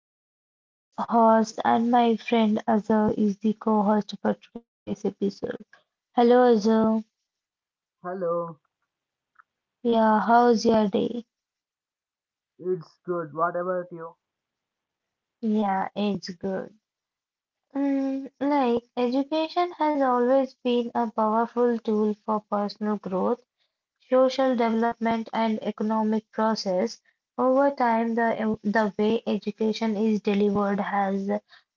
Myself, host, and my friend Azhar is the co-host for today's episode. Hello Azhar. Hello, Yeah, how's your day? it's good. What about you? Yeah, it's good. Education has always been a powerful tool for personal growth, social development and economic process. Over time, the way education is delivered has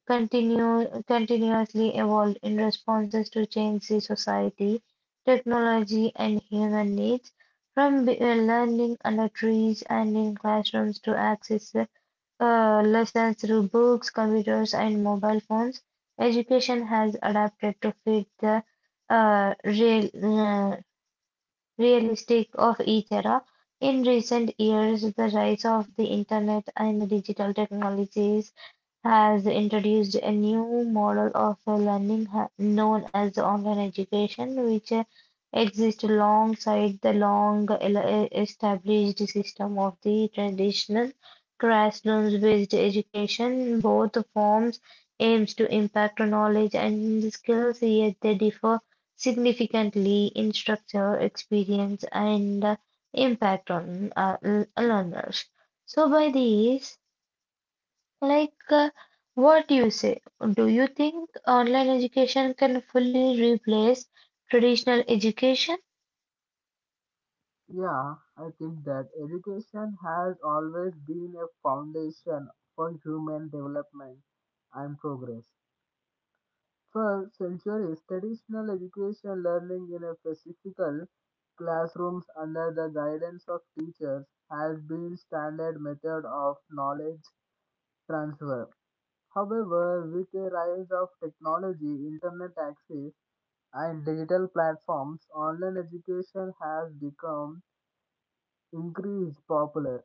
continuously evolved in responses to changes in society, technology, and human needs. From learning under trees and in classrooms to access lessons through books, computers, and mobile phones, education has adapted to fit the uh, real, uh, realistic of each era. In recent years, the rise of the internet and the digital technologies has introduced a new model of learning known as online education, which exists alongside the long established system of the traditional classrooms-based education. Both forms aims to impact knowledge and skills, yet they differ significantly in structure, experience, and impact on learners. So by these like, uh, what do you say? Do you think online education can fully replace traditional education? Yeah, I think that education has always been a foundation for human development and progress. For centuries, traditional education learning in a physical classrooms under the guidance of teachers has been standard method of knowledge transfer. However, with the rise of technology, internet access, and digital platforms, online education has become increased popular.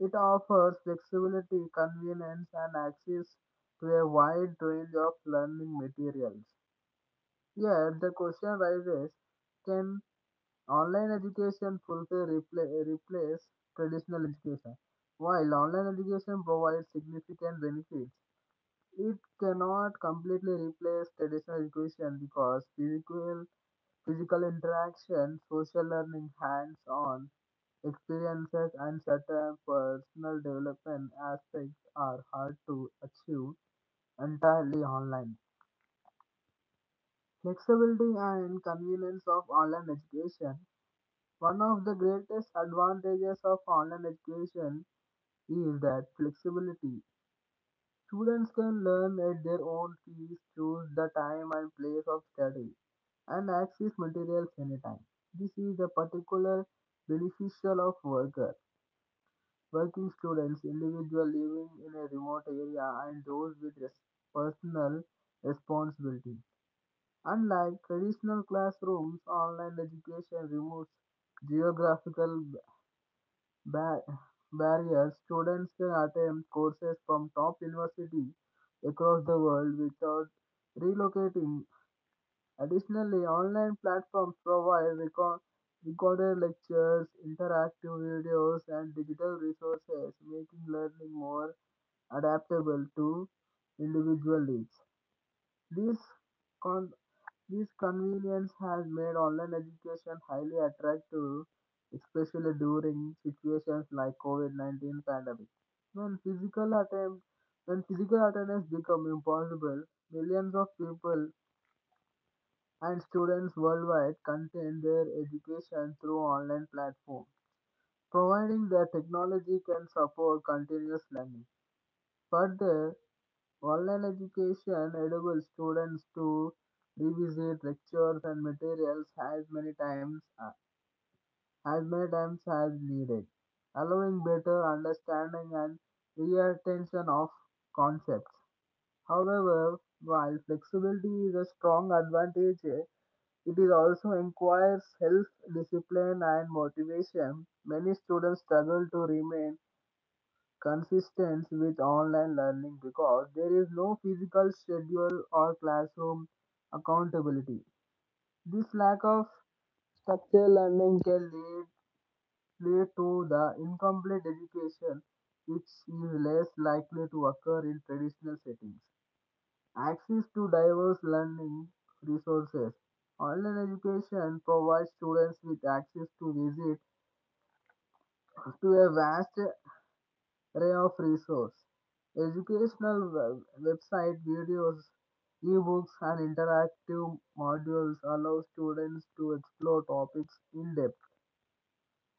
It offers flexibility, convenience, and access to a wide range of learning materials. Yet, the question rises, can online education replace traditional education? While online education provides significant benefits, it cannot completely replace traditional education because physical interaction, social learning, hands-on experiences, and certain personal development aspects are hard to achieve entirely online. Flexibility and convenience of online education. One of the greatest advantages of online education is that flexibility. Students can learn at their own pace, choose the time and place of study, and access materials anytime. This is a particular beneficial of working students, individuals living in a remote area, and those with personal responsibility. Unlike traditional classrooms, online education removes geographical Bar- barriers, students can attempt courses from top universities across the world without relocating. Additionally, online platforms provide recorded lectures, interactive videos, and digital resources, making learning more adaptable to individual needs. These con- this convenience has made online education highly attractive, especially during situations like COVID-19 pandemic. When physical attempt, when physical attendance become impossible, millions of people and students worldwide continue their education through online platforms, providing that technology can support continuous learning. Further, online education enables students to revisit lectures and materials as many times as needed, allowing better understanding and retention of concepts. However, while flexibility is a strong advantage, it is also requires self-discipline and motivation. Many students struggle to remain consistent with online learning because there is no physical schedule or classroom accountability. This lack of structured learning can lead to the incomplete education, which is less likely to occur in traditional settings. Access to diverse learning resources. Online education provides students with access to visit to a vast array of resource, educational website videos, ebooks, and interactive modules allow students to explore topics in depth.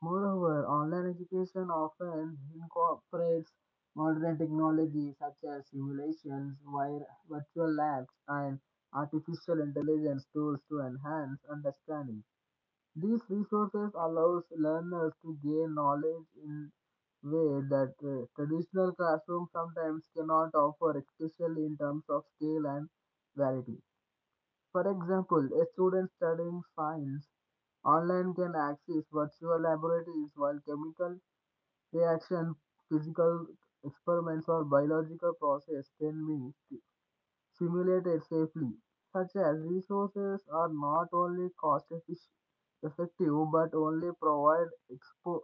Moreover, online education often incorporates modern technology such as simulations, virtual labs, and artificial intelligence tools to enhance understanding. These resources allows learners to gain knowledge in way that traditional classroom sometimes cannot offer, especially in terms of scale and variety. For example, a student studying science online can access virtual laboratories while chemical reaction, physical experiments, or biological process can be simulated safely, such as resources are not only effective but only provide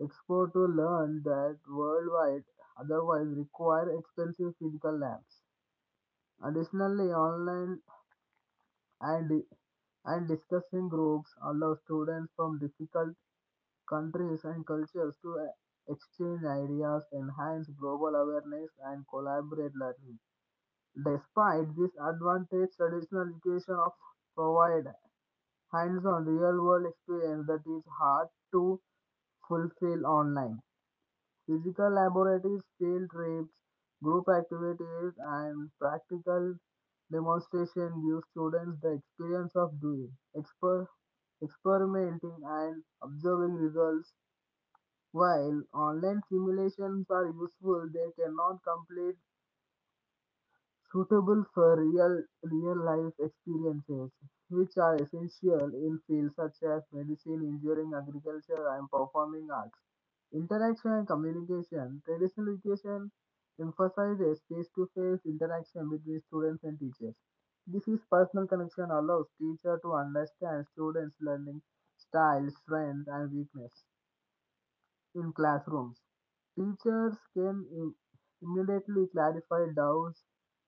expo to learn that worldwide otherwise require expensive physical labs. Additionally, online and and discussing groups allow students from difficult countries and cultures to exchange ideas, enhance global awareness, and collaborate learning. Despite this advantage, traditional education of provide hands-on real-world experience that is hard to fulfill online. Physical laboratories, field trips, group activities, and practical demonstration give students the experience of experimenting, and observing results. While online simulations are useful, they cannot complete suitable for real life experiences, which are essential in fields such as medicine, engineering, agriculture, and performing arts. Interaction and communication. Traditional education emphasizes face to face interaction between students and teachers. This is personal connection allows teacher to understand students' learning style, strength, and weakness in classrooms. Teachers can immediately clarify doubts,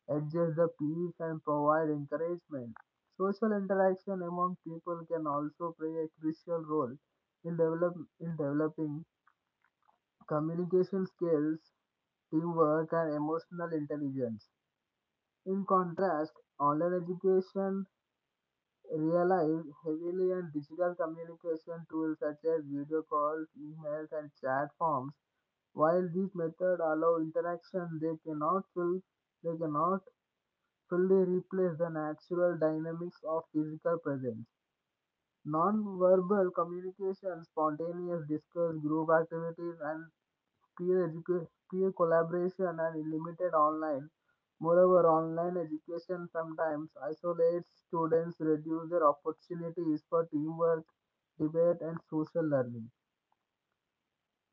adjust the peace, and provide encouragement. Social interaction among people can also play a crucial role in, develop, in developing communication skills, teamwork, and emotional intelligence. In contrast, online education relying heavily on digital communication tools such as video calls, emails, and chat forms. While these methods allow interaction, they cannot fully replace the natural dynamics of physical presence. Non-verbal communication, spontaneous discourse, group activities, and peer, educa- peer collaboration are limited online. Moreover, online education sometimes isolates students, reduces their opportunities for teamwork, debate, and social learning.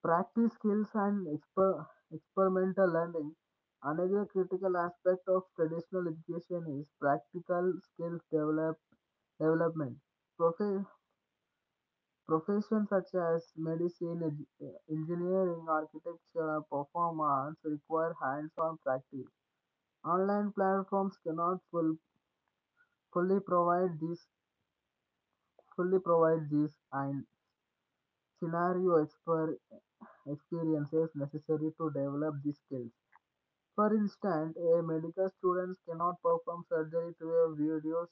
Practice skills and experimental learning. Another critical aspect of traditional education is practical skills development. Profe- Professions such as medicine, engineering, architecture, performance require hands-on practice. Online platforms cannot full, fully provide this and scenario experiences necessary to develop these skills. For instance, a medical student cannot perform surgery through a video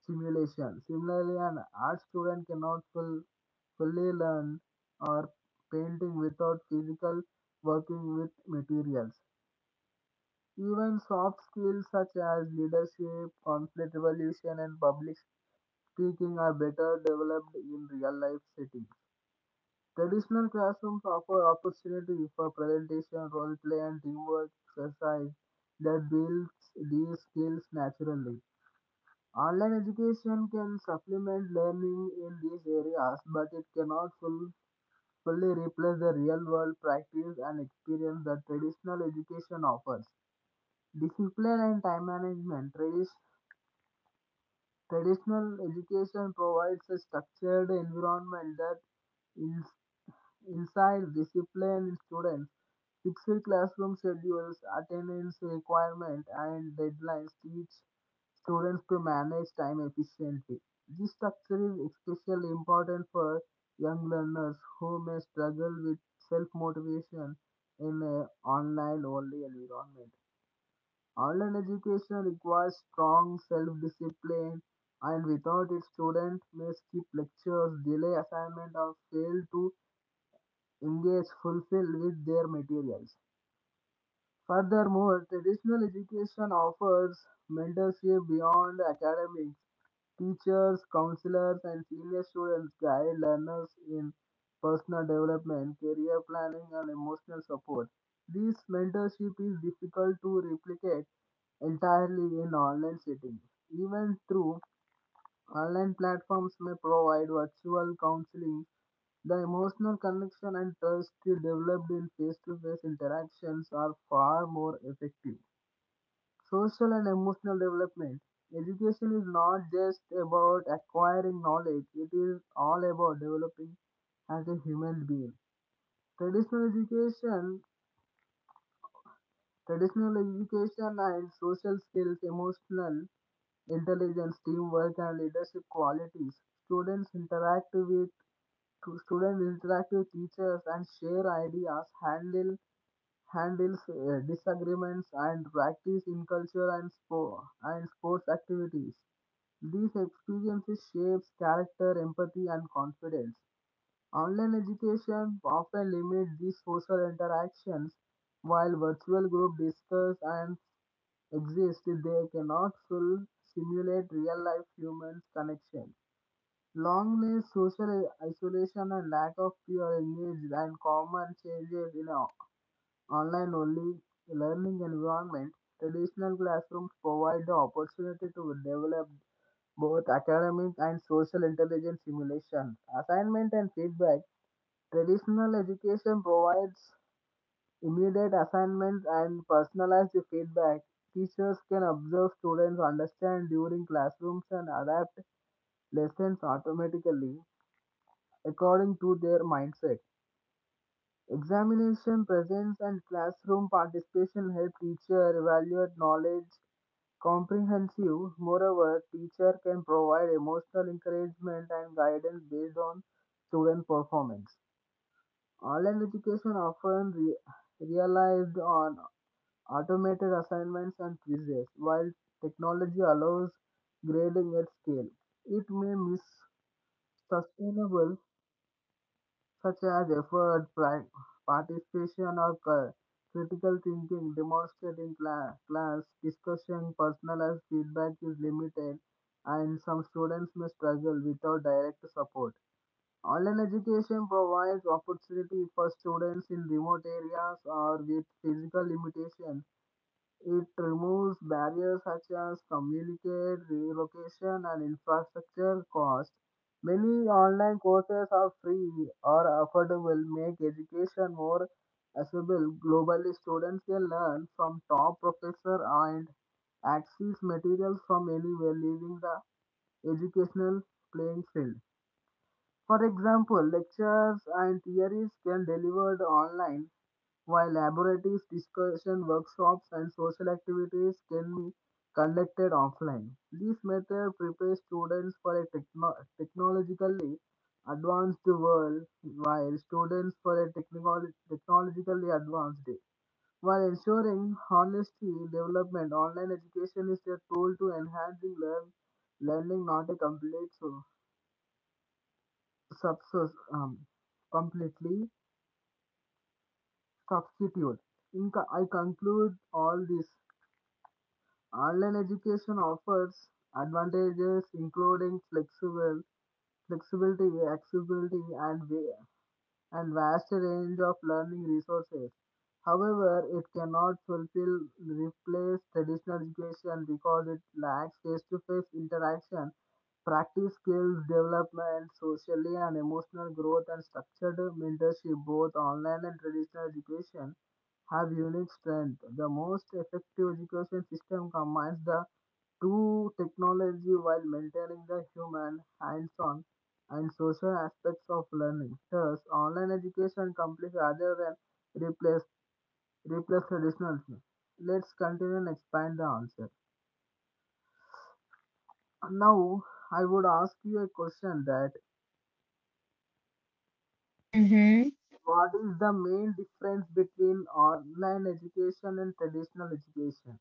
simulation. Similarly, an art student cannot full, fully learn or painting without physical working with materials. Even soft skills such as leadership, conflict resolution, and public speaking are better developed in real life settings. Traditional classrooms offer opportunity for presentation, role play, and teamwork exercise that builds these skills naturally. Online education can supplement learning in these areas, but it cannot full, fully replace the real world practice and experience that traditional education offers. Discipline and time management. Traditional education provides a structured environment that ins- insights discipline in students. Fixed classroom schedules, attendance requirement, and deadlines teach students to manage time efficiently. This structure is especially important for young learners who may struggle with self motivation in an online only environment. Online education requires strong self-discipline and without it students may skip lectures, delay assignment, or fail to engage fulfilled with their materials. Furthermore, traditional education offers mentorship beyond academics. Teachers, counselors, and senior students guide learners in personal development, career planning, and emotional support. This mentorship is difficult to replicate entirely in online settings. Even through online platforms may provide virtual counseling, the emotional connection and trust developed in face to face interactions are far more effective. Social and emotional development. Education is not just about acquiring knowledge, it is all about developing as a human being. Traditional education Traditional education and social skills, emotional intelligence, teamwork, and leadership qualities. Students interact with teachers and share ideas, handle handles disagreements, and practice in culture and sport and sports activities. These experiences shapes character, empathy, and confidence. Online education often limits these social interactions, while virtual group discussions and exist, they cannot full simulate real life human connections. Longness, social isolation, and lack of peer engagement and common changes in an online only learning environment, traditional classrooms provide the opportunity to develop both academic and social intelligence simulation, assignment, and feedback. Traditional education provides immediate assignments and personalized feedback. Teachers can observe students understand during classrooms and adapt lessons automatically according to their mindset. Examination presence and classroom participation help teacher evaluate knowledge comprehensive. Moreover, teacher can provide emotional encouragement and guidance based on student performance. Online education often relied on automated assignments and quizzes, while technology allows grading at scale. It may miss sustainable such as participation, or critical thinking demonstrated in class. Discussion, personalized feedback is limited, and some students may struggle without direct support. Online education provides opportunity for students in remote areas or with physical limitations. It removes barriers such as communicate, relocation, and infrastructure costs. Many online courses are free or affordable, make education more accessible. Globally, students can learn from top professors and access materials from anywhere, leaving the educational playing field. For example, lectures and theories can delivered online, while laboratories, discussion workshops, and social activities can be conducted offline. This method prepares students for a technologically advanced world, while students for a technical technologically advanced day. While ensuring honesty development, online education is a tool to enhancing learning, not a subs- um, completely substitute. I conclude all this. Online education offers advantages including flexibility, accessibility, and way, and vast range of learning resources. However, it cannot fulfill replace traditional education because it lacks face-to-face interaction, practice skills development, socially and emotional growth, and structured mentorship. Both online and traditional education have unique strength. The most effective education system combines the two technology while maintaining the human hands-on and social aspects of learning. Thus, online education completes rather than replace traditional thing. Let's continue and expand the answer. Now, I would ask you a question that Mm-hmm. what is the main difference between online education and traditional education?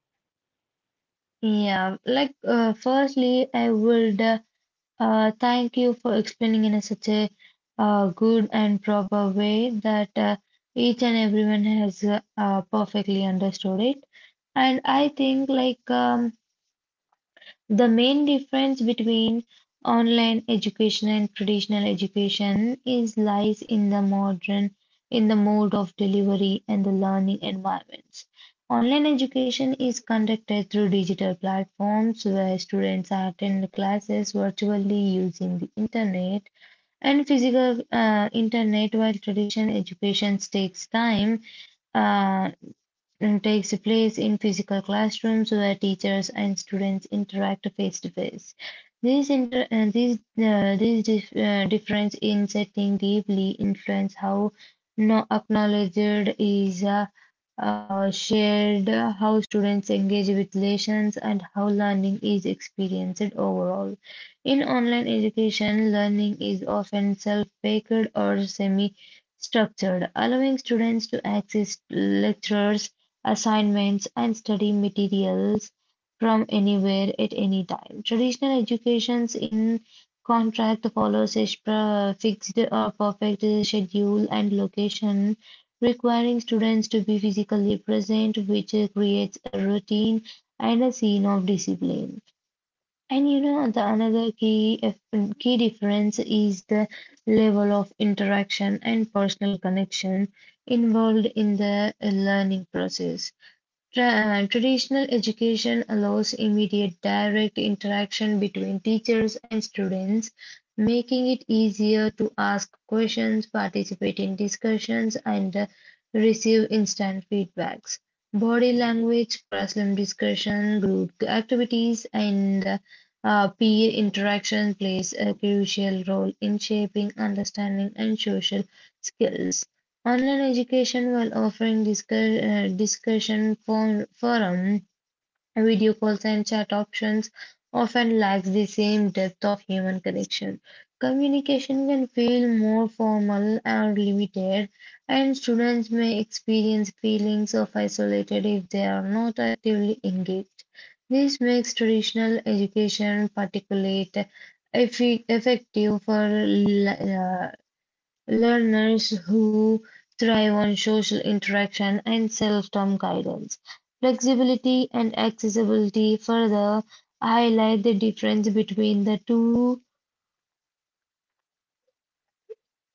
Yeah, firstly, I would thank you for explaining in a, such a good and proper way that each and everyone has perfectly understood it. And I think the main difference between online education and traditional education is lies in the modern in the mode of delivery and the learning environments. Online education is conducted through digital platforms where students attend classes virtually using the internet and physical internet, while traditional education takes time uh, and takes place in physical classrooms where teachers and students interact face to face. These inter these dif difference in setting deeply influence how no acknowledged is shared, how students engage with lessons, and how learning is experienced overall. In online education, learning is often self-paced or semi structured, allowing students to access lectures assignments, and study materials from anywhere at any time. Traditional educations in contract follows a fixed or perfect schedule and location, requiring students to be physically present, which creates a routine and a scene of discipline. And you know, the another key difference is the level of interaction and personal connection involved in the learning process. Traditional education allows immediate direct interaction between teachers and students, making it easier to ask questions, participate in discussions, and receive instant feedbacks. Body language, classroom discussion, group activities, and peer interaction plays a crucial role in shaping understanding and social skills. Online education, while offering discussion forum, video calls, and chat options, often lacks the same depth of human connection. Communication can feel more formal and limited, and students may experience feelings of isolated if they are not actively engaged. This makes traditional education particularly effective for learners who thrive on social interaction and self-taught guidance. Flexibility and accessibility further highlight the difference between the two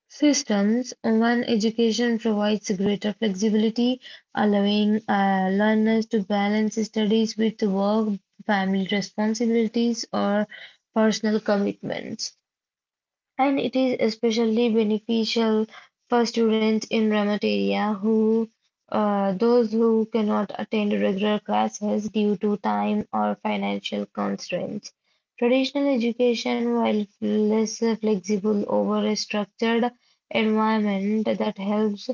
systems. One education provides greater flexibility, allowing learners to balance studies with work, family responsibilities, or personal commitments. And it is especially beneficial for students in remote area who uh, those who cannot attend regular classes due to time or financial constraints. Traditional education, while less flexible over a structured environment that helps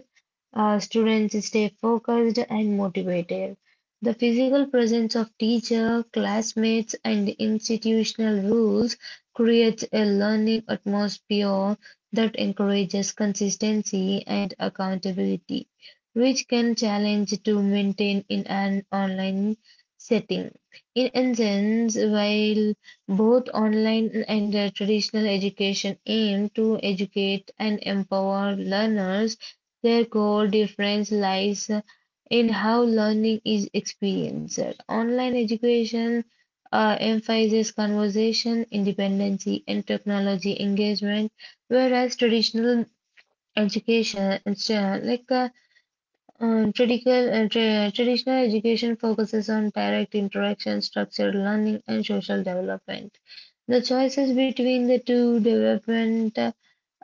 students stay focused and motivated. The physical presence of teacher, classmates, and institutional rules creates a learning atmosphere that encourages consistency and accountability, which can challenge to maintain in an online setting. In essence, while both online and traditional education aim to educate and empower learners, their core difference lies in how learning is experienced. Online education emphasizes conversation, independency, and technology engagement, whereas traditional education, it's, like traditional, tra- traditional education focuses on direct interaction, structured learning, and social development. The choices between the two development uh,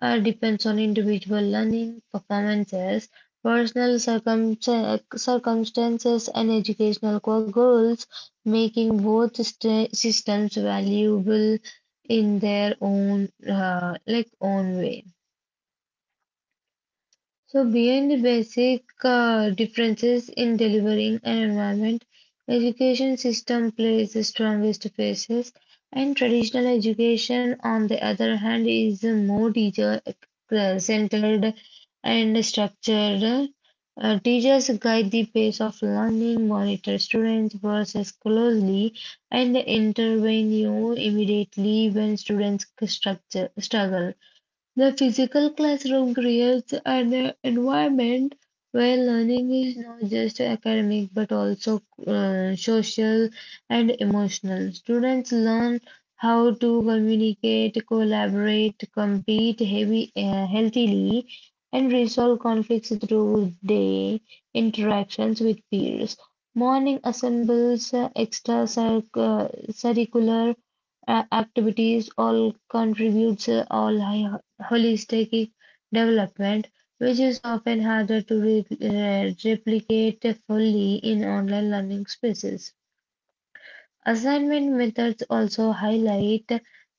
uh, depends on individual learning, performances, personal circumstances, and educational goals, making both systems valuable in their own own way. So beyond the basic differences in delivering an environment, education system plays the strongest faces, and traditional education, on the other hand, is more teacher centered and structured. Teachers guide the pace of learning, monitor students' process closely, and intervene you know, immediately when students struggle. The physical classroom creates an environment where learning is not just academic but also social and emotional. Students learn how to communicate, collaborate, compete healthily, and resolve conflicts through day interactions with peers. Morning assembles curricular activities all contributes all high holistic development, which is often harder to replicate fully in online learning spaces. Assignment methods also highlight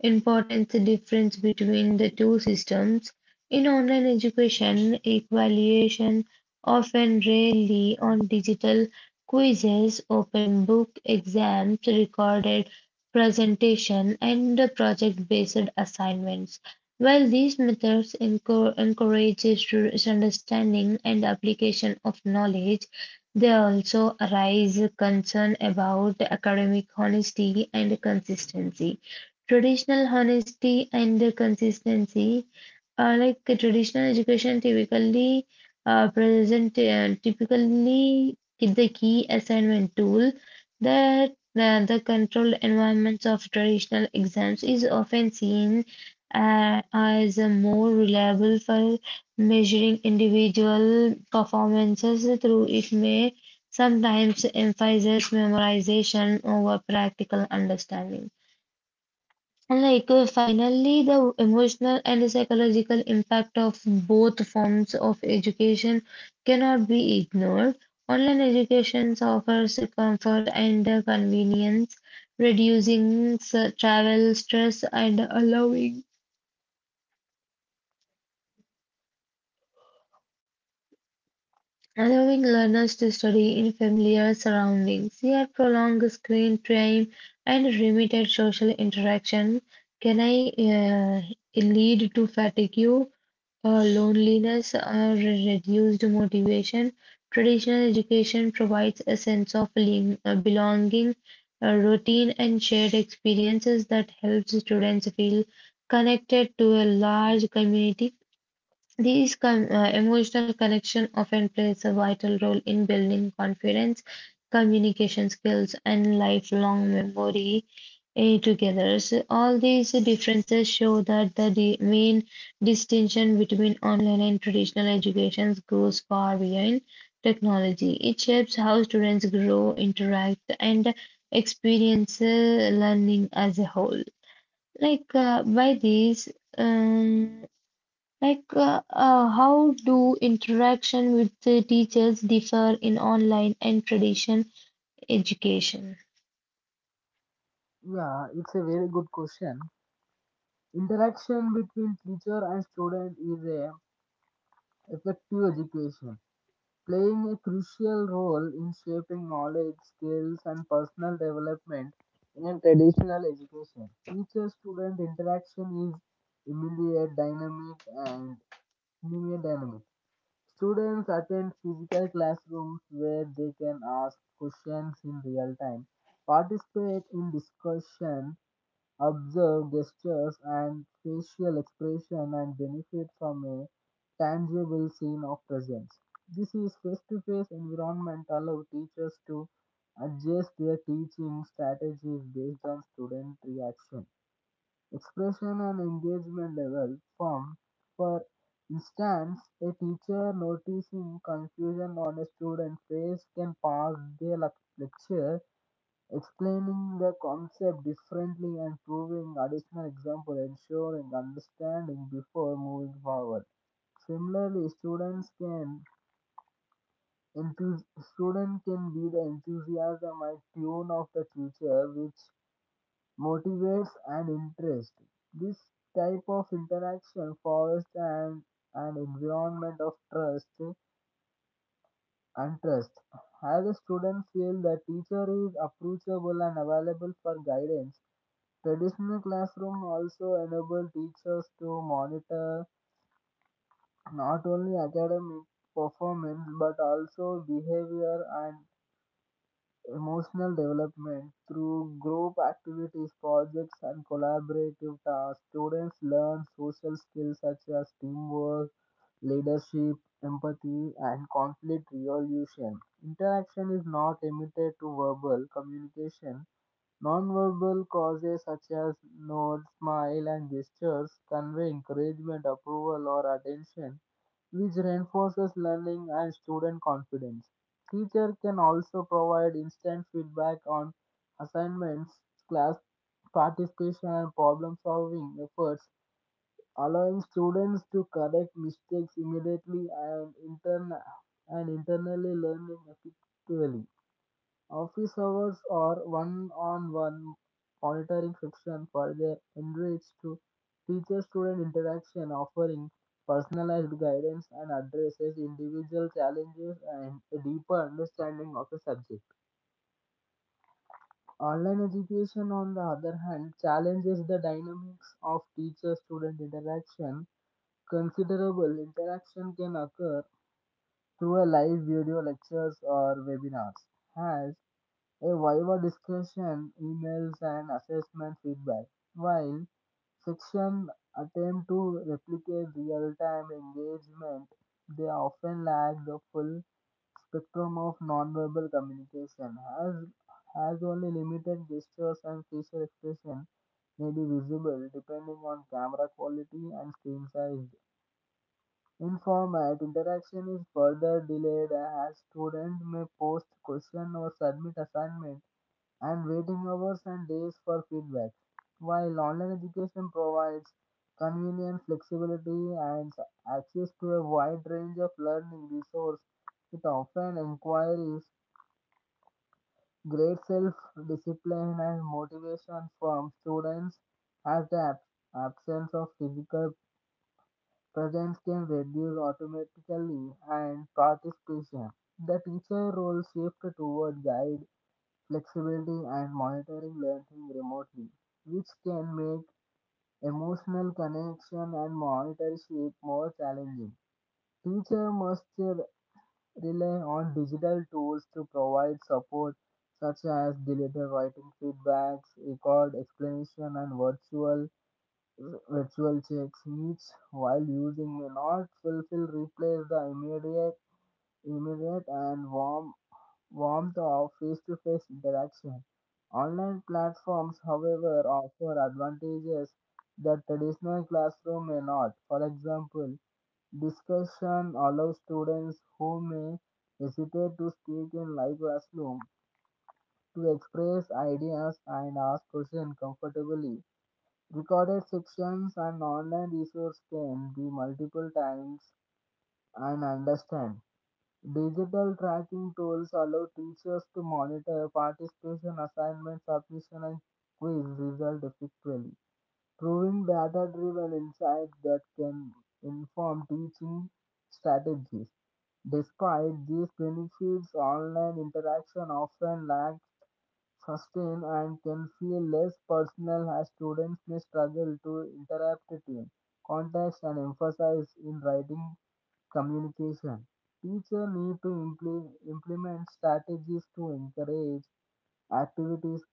important difference between the two systems. In online education, evaluation often rely on digital quizzes, open book exams, recorded presentation, and the project-based assignments. While these methods encourage students' understanding and application of knowledge, there also arise concern about academic honesty and consistency. Traditional honesty and consistency like Traditional education typically present typically the key assignment tool that the controlled environments of traditional exams is often seen as a more reliable for measuring individual performances through it may sometimes emphasize memorization over practical understanding. And finally, the emotional and psychological impact of both forms of education cannot be ignored. Online education offers comfort and convenience, reducing travel stress and allowing learners to study in familiar surroundings, yet prolonged screen time and limited social interaction can uh, lead to fatigue, loneliness, or reduced motivation. Traditional education provides a sense of belonging, routine, and shared experiences that helps students feel connected to a large community. These emotional connection often plays a vital role in building confidence, communication skills, and lifelong memory together. So all these differences show that the main distinction between online and traditional educations goes far beyond technology. It shapes how students grow, interact, and experience learning as a whole. Like uh, by these. Um, how do interaction with the teachers differ in online and tradition education? Yeah, it's a very good question. Interaction between teacher and student is a effective education, playing a crucial role in shaping knowledge, skills, and personal development in a traditional education. Teacher student interaction is immediate, dynamic, and linear dynamic. Students attend physical classrooms where they can ask questions in real time, participate in discussion, observe gestures and facial expression, and benefit from a tangible scene of presence. This is face-to-face environment allow teachers to adjust their teaching strategies based on student reaction, expression, and engagement level. Form for instance, a teacher noticing confusion on a student's face can pause their lecture, explaining the concept differently and proving additional example, ensuring understanding before moving forward. Similarly, enthus- student can be the enthusiasm and tune of the future which motivates and interest. This type of interaction fosters an environment of trust. As the students feel the teacher is approachable and available for guidance, traditional classroom also enable teachers to monitor not only academic performance but also behavior and emotional development through group activities, projects, and collaborative tasks. Students learn social skills such as teamwork, leadership, empathy, and conflict resolution. Interaction is not limited to verbal communication. Nonverbal causes such as nods, smiles, and gestures convey encouragement, approval, or attention, which reinforces learning and student confidence. Teacher can also provide instant feedback on assignments, class participation, and problem-solving efforts, allowing students to correct mistakes immediately and, and internally learning effectively. Office hours or one-on-one monitoring friction for their enriched to teacher-student interaction, offering personalized guidance and addresses individual challenges and a deeper understanding of a subject. Online education, on the other hand, challenges the dynamics of teacher-student interaction. Considerable interaction can occur through a live video lectures or webinars, as a viva discussion, emails, and assessment feedback, while section attempt to replicate real-time engagement. They often lack the full spectrum of nonverbal communication, as only limited gestures and facial expression may be visible depending on camera quality and screen size. In format, interaction is further delayed as students may post questions or submit assignments and waiting hours and days for feedback. While online education provides convenience, flexibility, and access to a wide range of learning resources, it often requires great self discipline and motivation from students, as the absence of physical presence can reduce automatically and participation. The teacher role shift toward guide flexibility, and monitoring learning remotely, which can make emotional connection and mentorship more challenging. Teacher must rely on digital tools to provide support such as deleted writing feedbacks, record explanation, and virtual checks, which while using may not fulfill replace the immediate and warm warmth of face-to-face interaction. Online platforms, however, offer advantages that traditional classroom may not. For example, discussion allows students who may hesitate to speak in live classroom to express ideas and ask questions comfortably. Recorded sections and online resources can be multiple times and understand. Digital tracking tools allow teachers to monitor participation, assignment submission, and quiz results effectively, proving data-driven insights that can inform teaching strategies. Despite these benefits, online interaction often lacks sustain and can feel less personal as students may struggle to interpret context and emphasize in writing communication. Teacher need to implement strategies to encourage activities,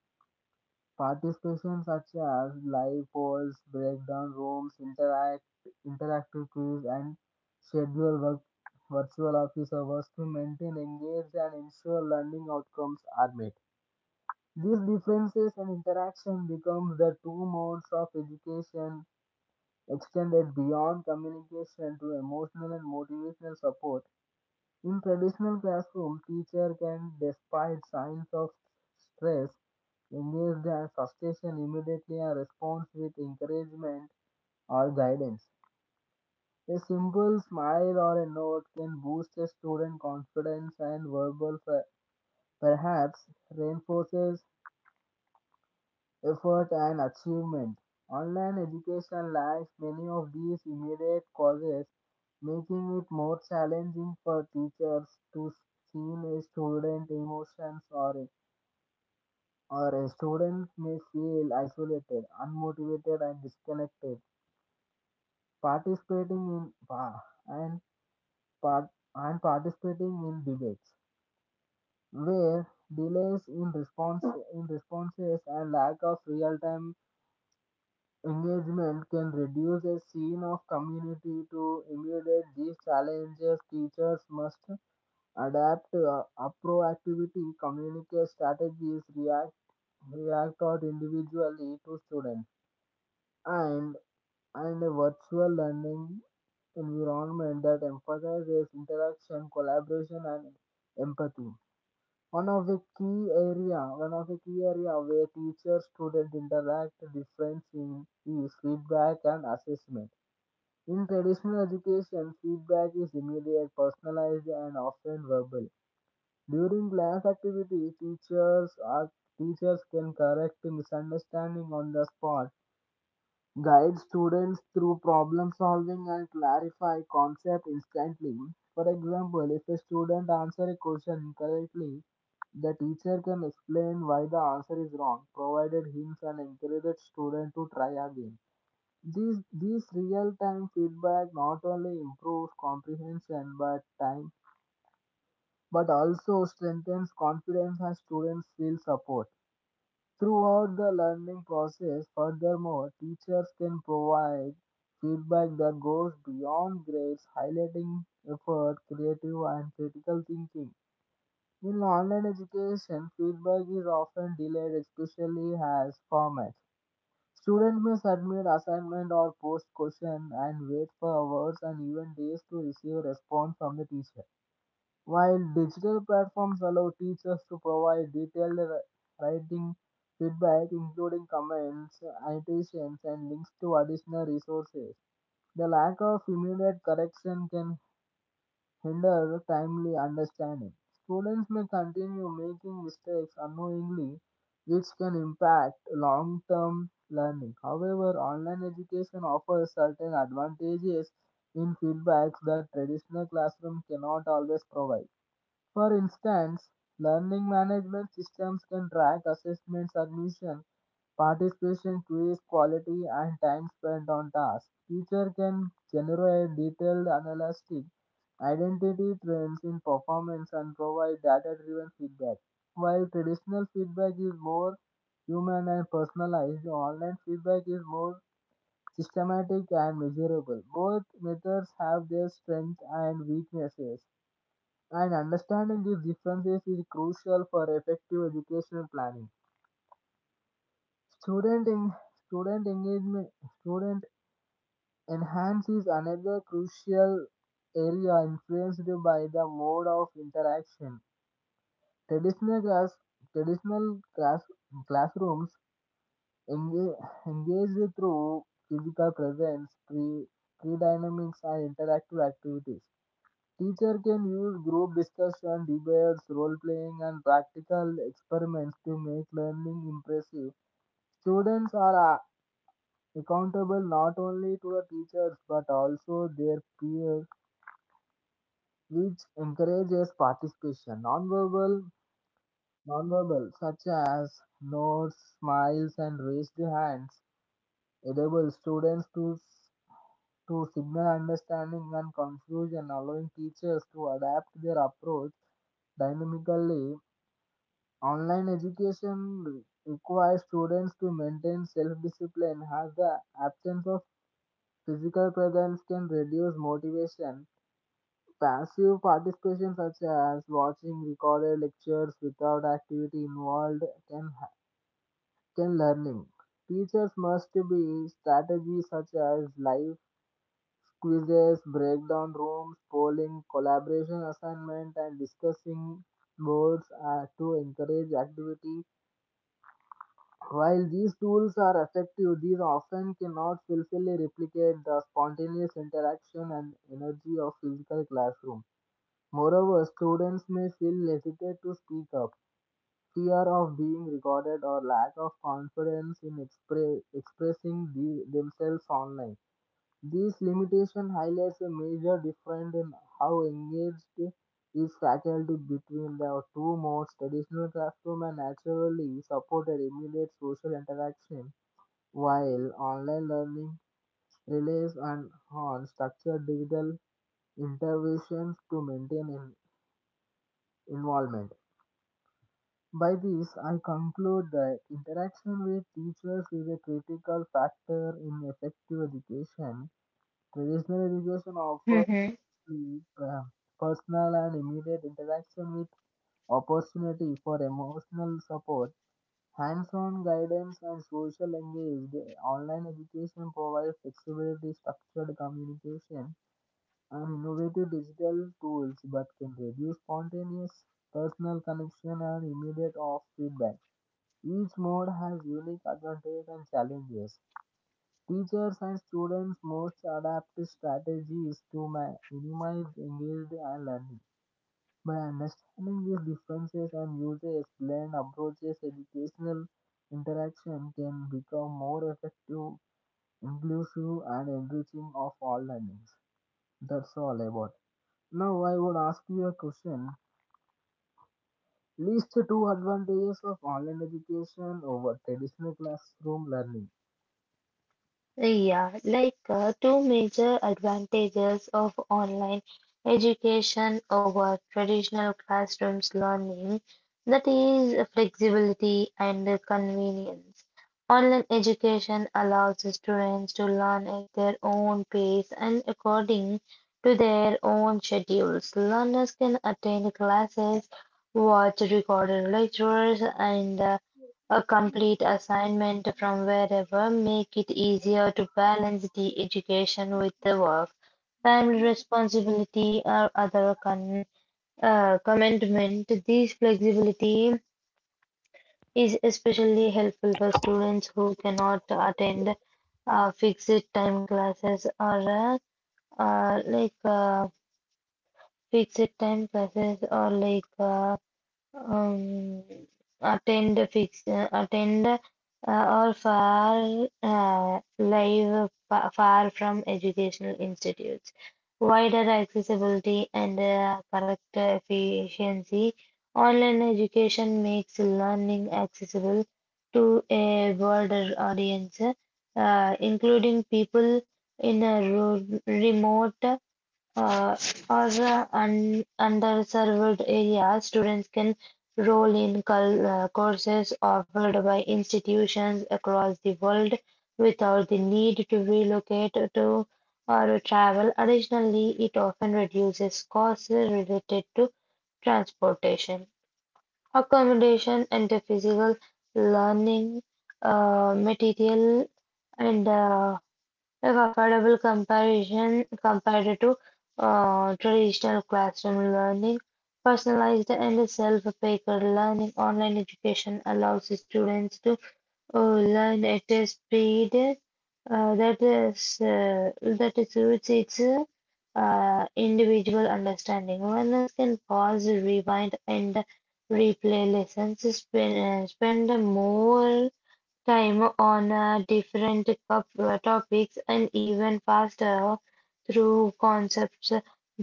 participation such as live polls, breakdown rooms, interactive quiz, and schedule work, virtual office hours to maintain engaged and ensure learning outcomes are met. These differences and interaction become the two modes of education extended beyond communication to emotional and motivational support. In traditional classroom, teacher can, despite signs of stress, engage their frustration immediately and responds with encouragement or guidance. A simple smile or a note can boost a student confidence and perhaps reinforces effort and achievement. Online education lacks many of these immediate causes, making it more challenging for teachers to see a student emotions, or a student may feel isolated, unmotivated and disconnected. Participating in pa- and part and participating in debates where delays in responses and lack of real time engagement can reduce a scene of community. To immediate these challenges, teachers must adapt a proactivity communicate strategies, react out individually to students, and and a virtual learning environment that emphasizes interaction collaboration and empathy. One of the key area where teacher student interact difference in is feedback and assessment. In traditional education feedback is immediate, personalized, and often verbal. During class activities, teachers can correct misunderstanding on the spot, guide students through problem solving, and clarify concepts instantly. For example, if a student answers a question incorrectly, the teacher can explain why the answer is wrong, provided hints and encourage the student to try again. These real-time feedback not only improves comprehension but time but also strengthens confidence and students feel support. Throughout the learning process, furthermore, teachers can provide feedback that goes beyond grades, highlighting effort, creative, and critical thinking. In online education, feedback is often delayed, especially as formats. Students may submit assignment or post question and wait for hours and even days to receive response from the teacher. While digital platforms allow teachers to provide detailed writing feedback, including comments, annotations, and links to additional resources, the lack of immediate correction can hinder timely understanding. Students may continue making mistakes unknowingly, which can impact long term learning. However, online education offers certain advantages in feedbacks that traditional classroom cannot always provide. For instance, learning management systems can track assessments, admission, participation, quiz quality, and time spent on tasks. Teacher can generate detailed analysis, identity trends in performance, and provide data-driven feedback. While traditional feedback is more human and personalized, online feedback is more systematic and measurable. Both methods have their strengths and weaknesses. And understanding these differences is crucial for effective educational planning. Student en- student engagement student Enhance is another crucial area influenced by the mode of interaction. Traditional class traditional classrooms engage, engaged through physical presence, pre dynamics and interactive activities. Teacher can use group discussion, debates, role playing, and practical experiments to make learning impressive. Students are accountable not only to the teachers but also their peers, which encourages participation. Nonverbal, such as nods, smiles, and raised hands, enable students to signal understanding and confusion, allowing teachers to adapt their approach dynamically. Online education requires students to maintain self discipline, as the absence of physical presence can reduce motivation. Passive participation, such as watching recorded lectures without activity involved, can, ha- can learning. Teachers must be strategies such as live quizzes, breakdown rooms, polling, collaboration assignment, and discussing boards are to encourage activity. While these tools are effective, these often cannot fully replicate the spontaneous interaction and energy of physical classroom. Moreover, students may feel hesitant to speak up, fear of being recorded, or lack of confidence in expressing themselves online. This limitation highlights a major difference in how engaged is faculty between the two modes. Traditional classroom and naturally supported immediate social interaction, while online learning relies on structured digital interventions to maintain involvement. By this, I conclude that interaction with teachers is a critical factor in effective education. Traditional education offers Mhm. the, personal and immediate interaction with opportunity for emotional support, hands-on guidance and social engaged. Online education provides flexibility, structured communication, and innovative digital tools, but can reduce spontaneous personal connection and immediate off feedback. Each mode has unique advantages and challenges. Teachers and students most adapt strategies to minimize engaged and learning. By understanding these differences and user-explained approaches, educational interaction can become more effective, inclusive, and enriching of all learnings. That's all about it. Now I would ask you a question. List two advantages of online education over traditional classroom learning. Yeah, two major advantages of online education over traditional classrooms learning, that is flexibility and convenience. Online education allows the students to learn at their own pace and according to their own schedules. Learners can attend classes, watch recorded lectures, and a complete assignment from wherever make it easier to balance the education with the work, family responsibility or other commitment. This flexibility is especially helpful for students who cannot attend fixed time classes or uh, like fixed time classes or like um, attend fix attend or far live far from educational institutes. Wider accessibility and correct efficiency. Online education makes learning accessible to a broader audience, including people in a rural, remote uh, or un underserved areas, students can enroll in courses offered by institutions across the world without the need to relocate to or travel. Additionally, it often reduces costs related to transportation, accommodation, and physical learning material and a affordable comparison compared to traditional classroom learning. Personalized and self-paced learning online education allows students to learn at a speed that suits its individual understanding. Learners can pause, rewind, and replay lessons, spend more time on topics and even faster through concepts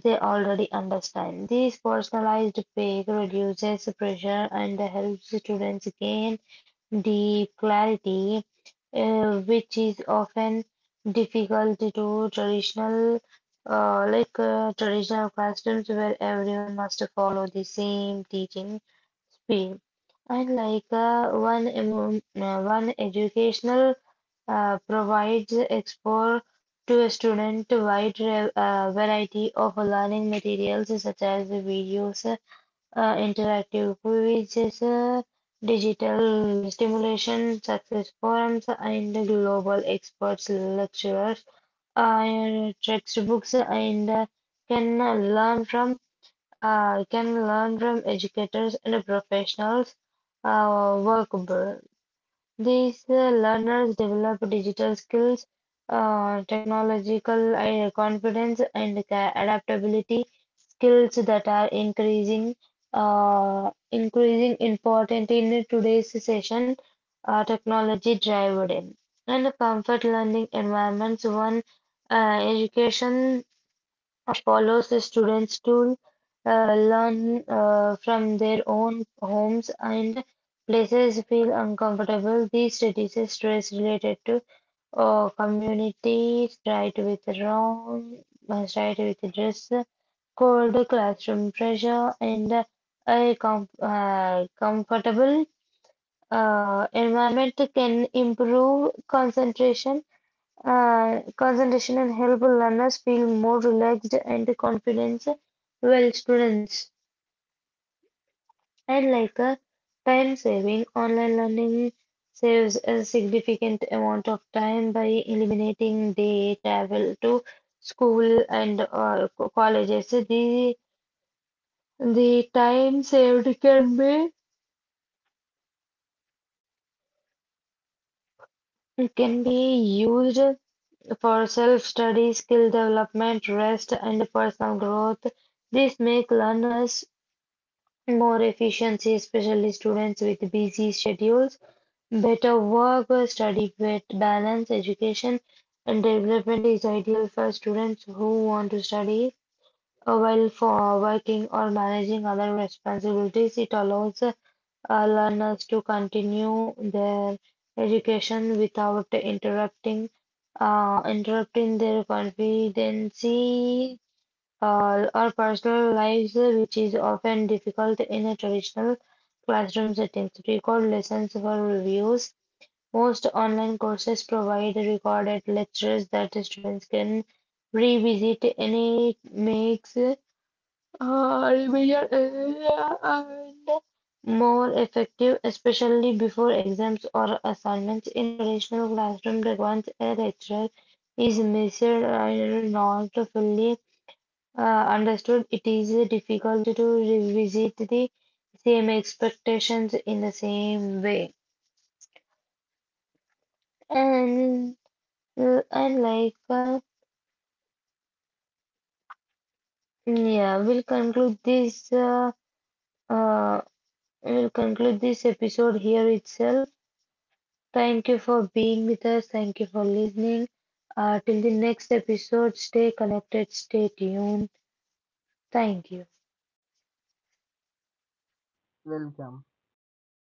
they already understand. This personalized peak reduces pressure and helps students gain deep clarity, which is often difficult to traditional. Traditional classrooms where everyone must follow the same teaching speed. And one educational provides explore to a student a wide variety of learning materials such as videos, interactive quizzes, digital stimulation, success forums, and global experts lecturers, textbooks, and can learn from. You can learn from educators and professionals workable. These learners develop digital skills, uh, technological confidence, and adaptability skills that are increasing important in today's session, technology driven in. And a comfort learning environments, one education follows the students to learn from their own homes and places feel uncomfortable. These studies is stress related to community, strike with dress code, classroom pressure, and a comfortable environment can improve concentration and help learners feel more relaxed and confident. Well, students. And like a time saving, online learning saves a significant amount of time by eliminating the travel to school and colleges. The time saved can be used for self-study, skill development, rest, and personal growth. This make learners more efficiency, especially students with busy schedules, better work-study balance, education and development is ideal for students who want to study while for working or managing other responsibilities. It allows learners to continue their education without interrupting their confidence or personal lives, which is often difficult in a traditional classroom settings. Record lessons for reviews. Most online courses provide recorded lectures that the students can revisit and it makes remedial area and more effective, especially before exams or assignments. In traditional classroom, the one's a lecturer is measured and not fully uh, understood, it is difficult to revisit the same expectations in the same way. And and like Yeah, we'll conclude this uh, episode here itself. Thank you for being with us. Thank you for listening. Till the next episode, stay connected, stay tuned. Thank you. Welcome.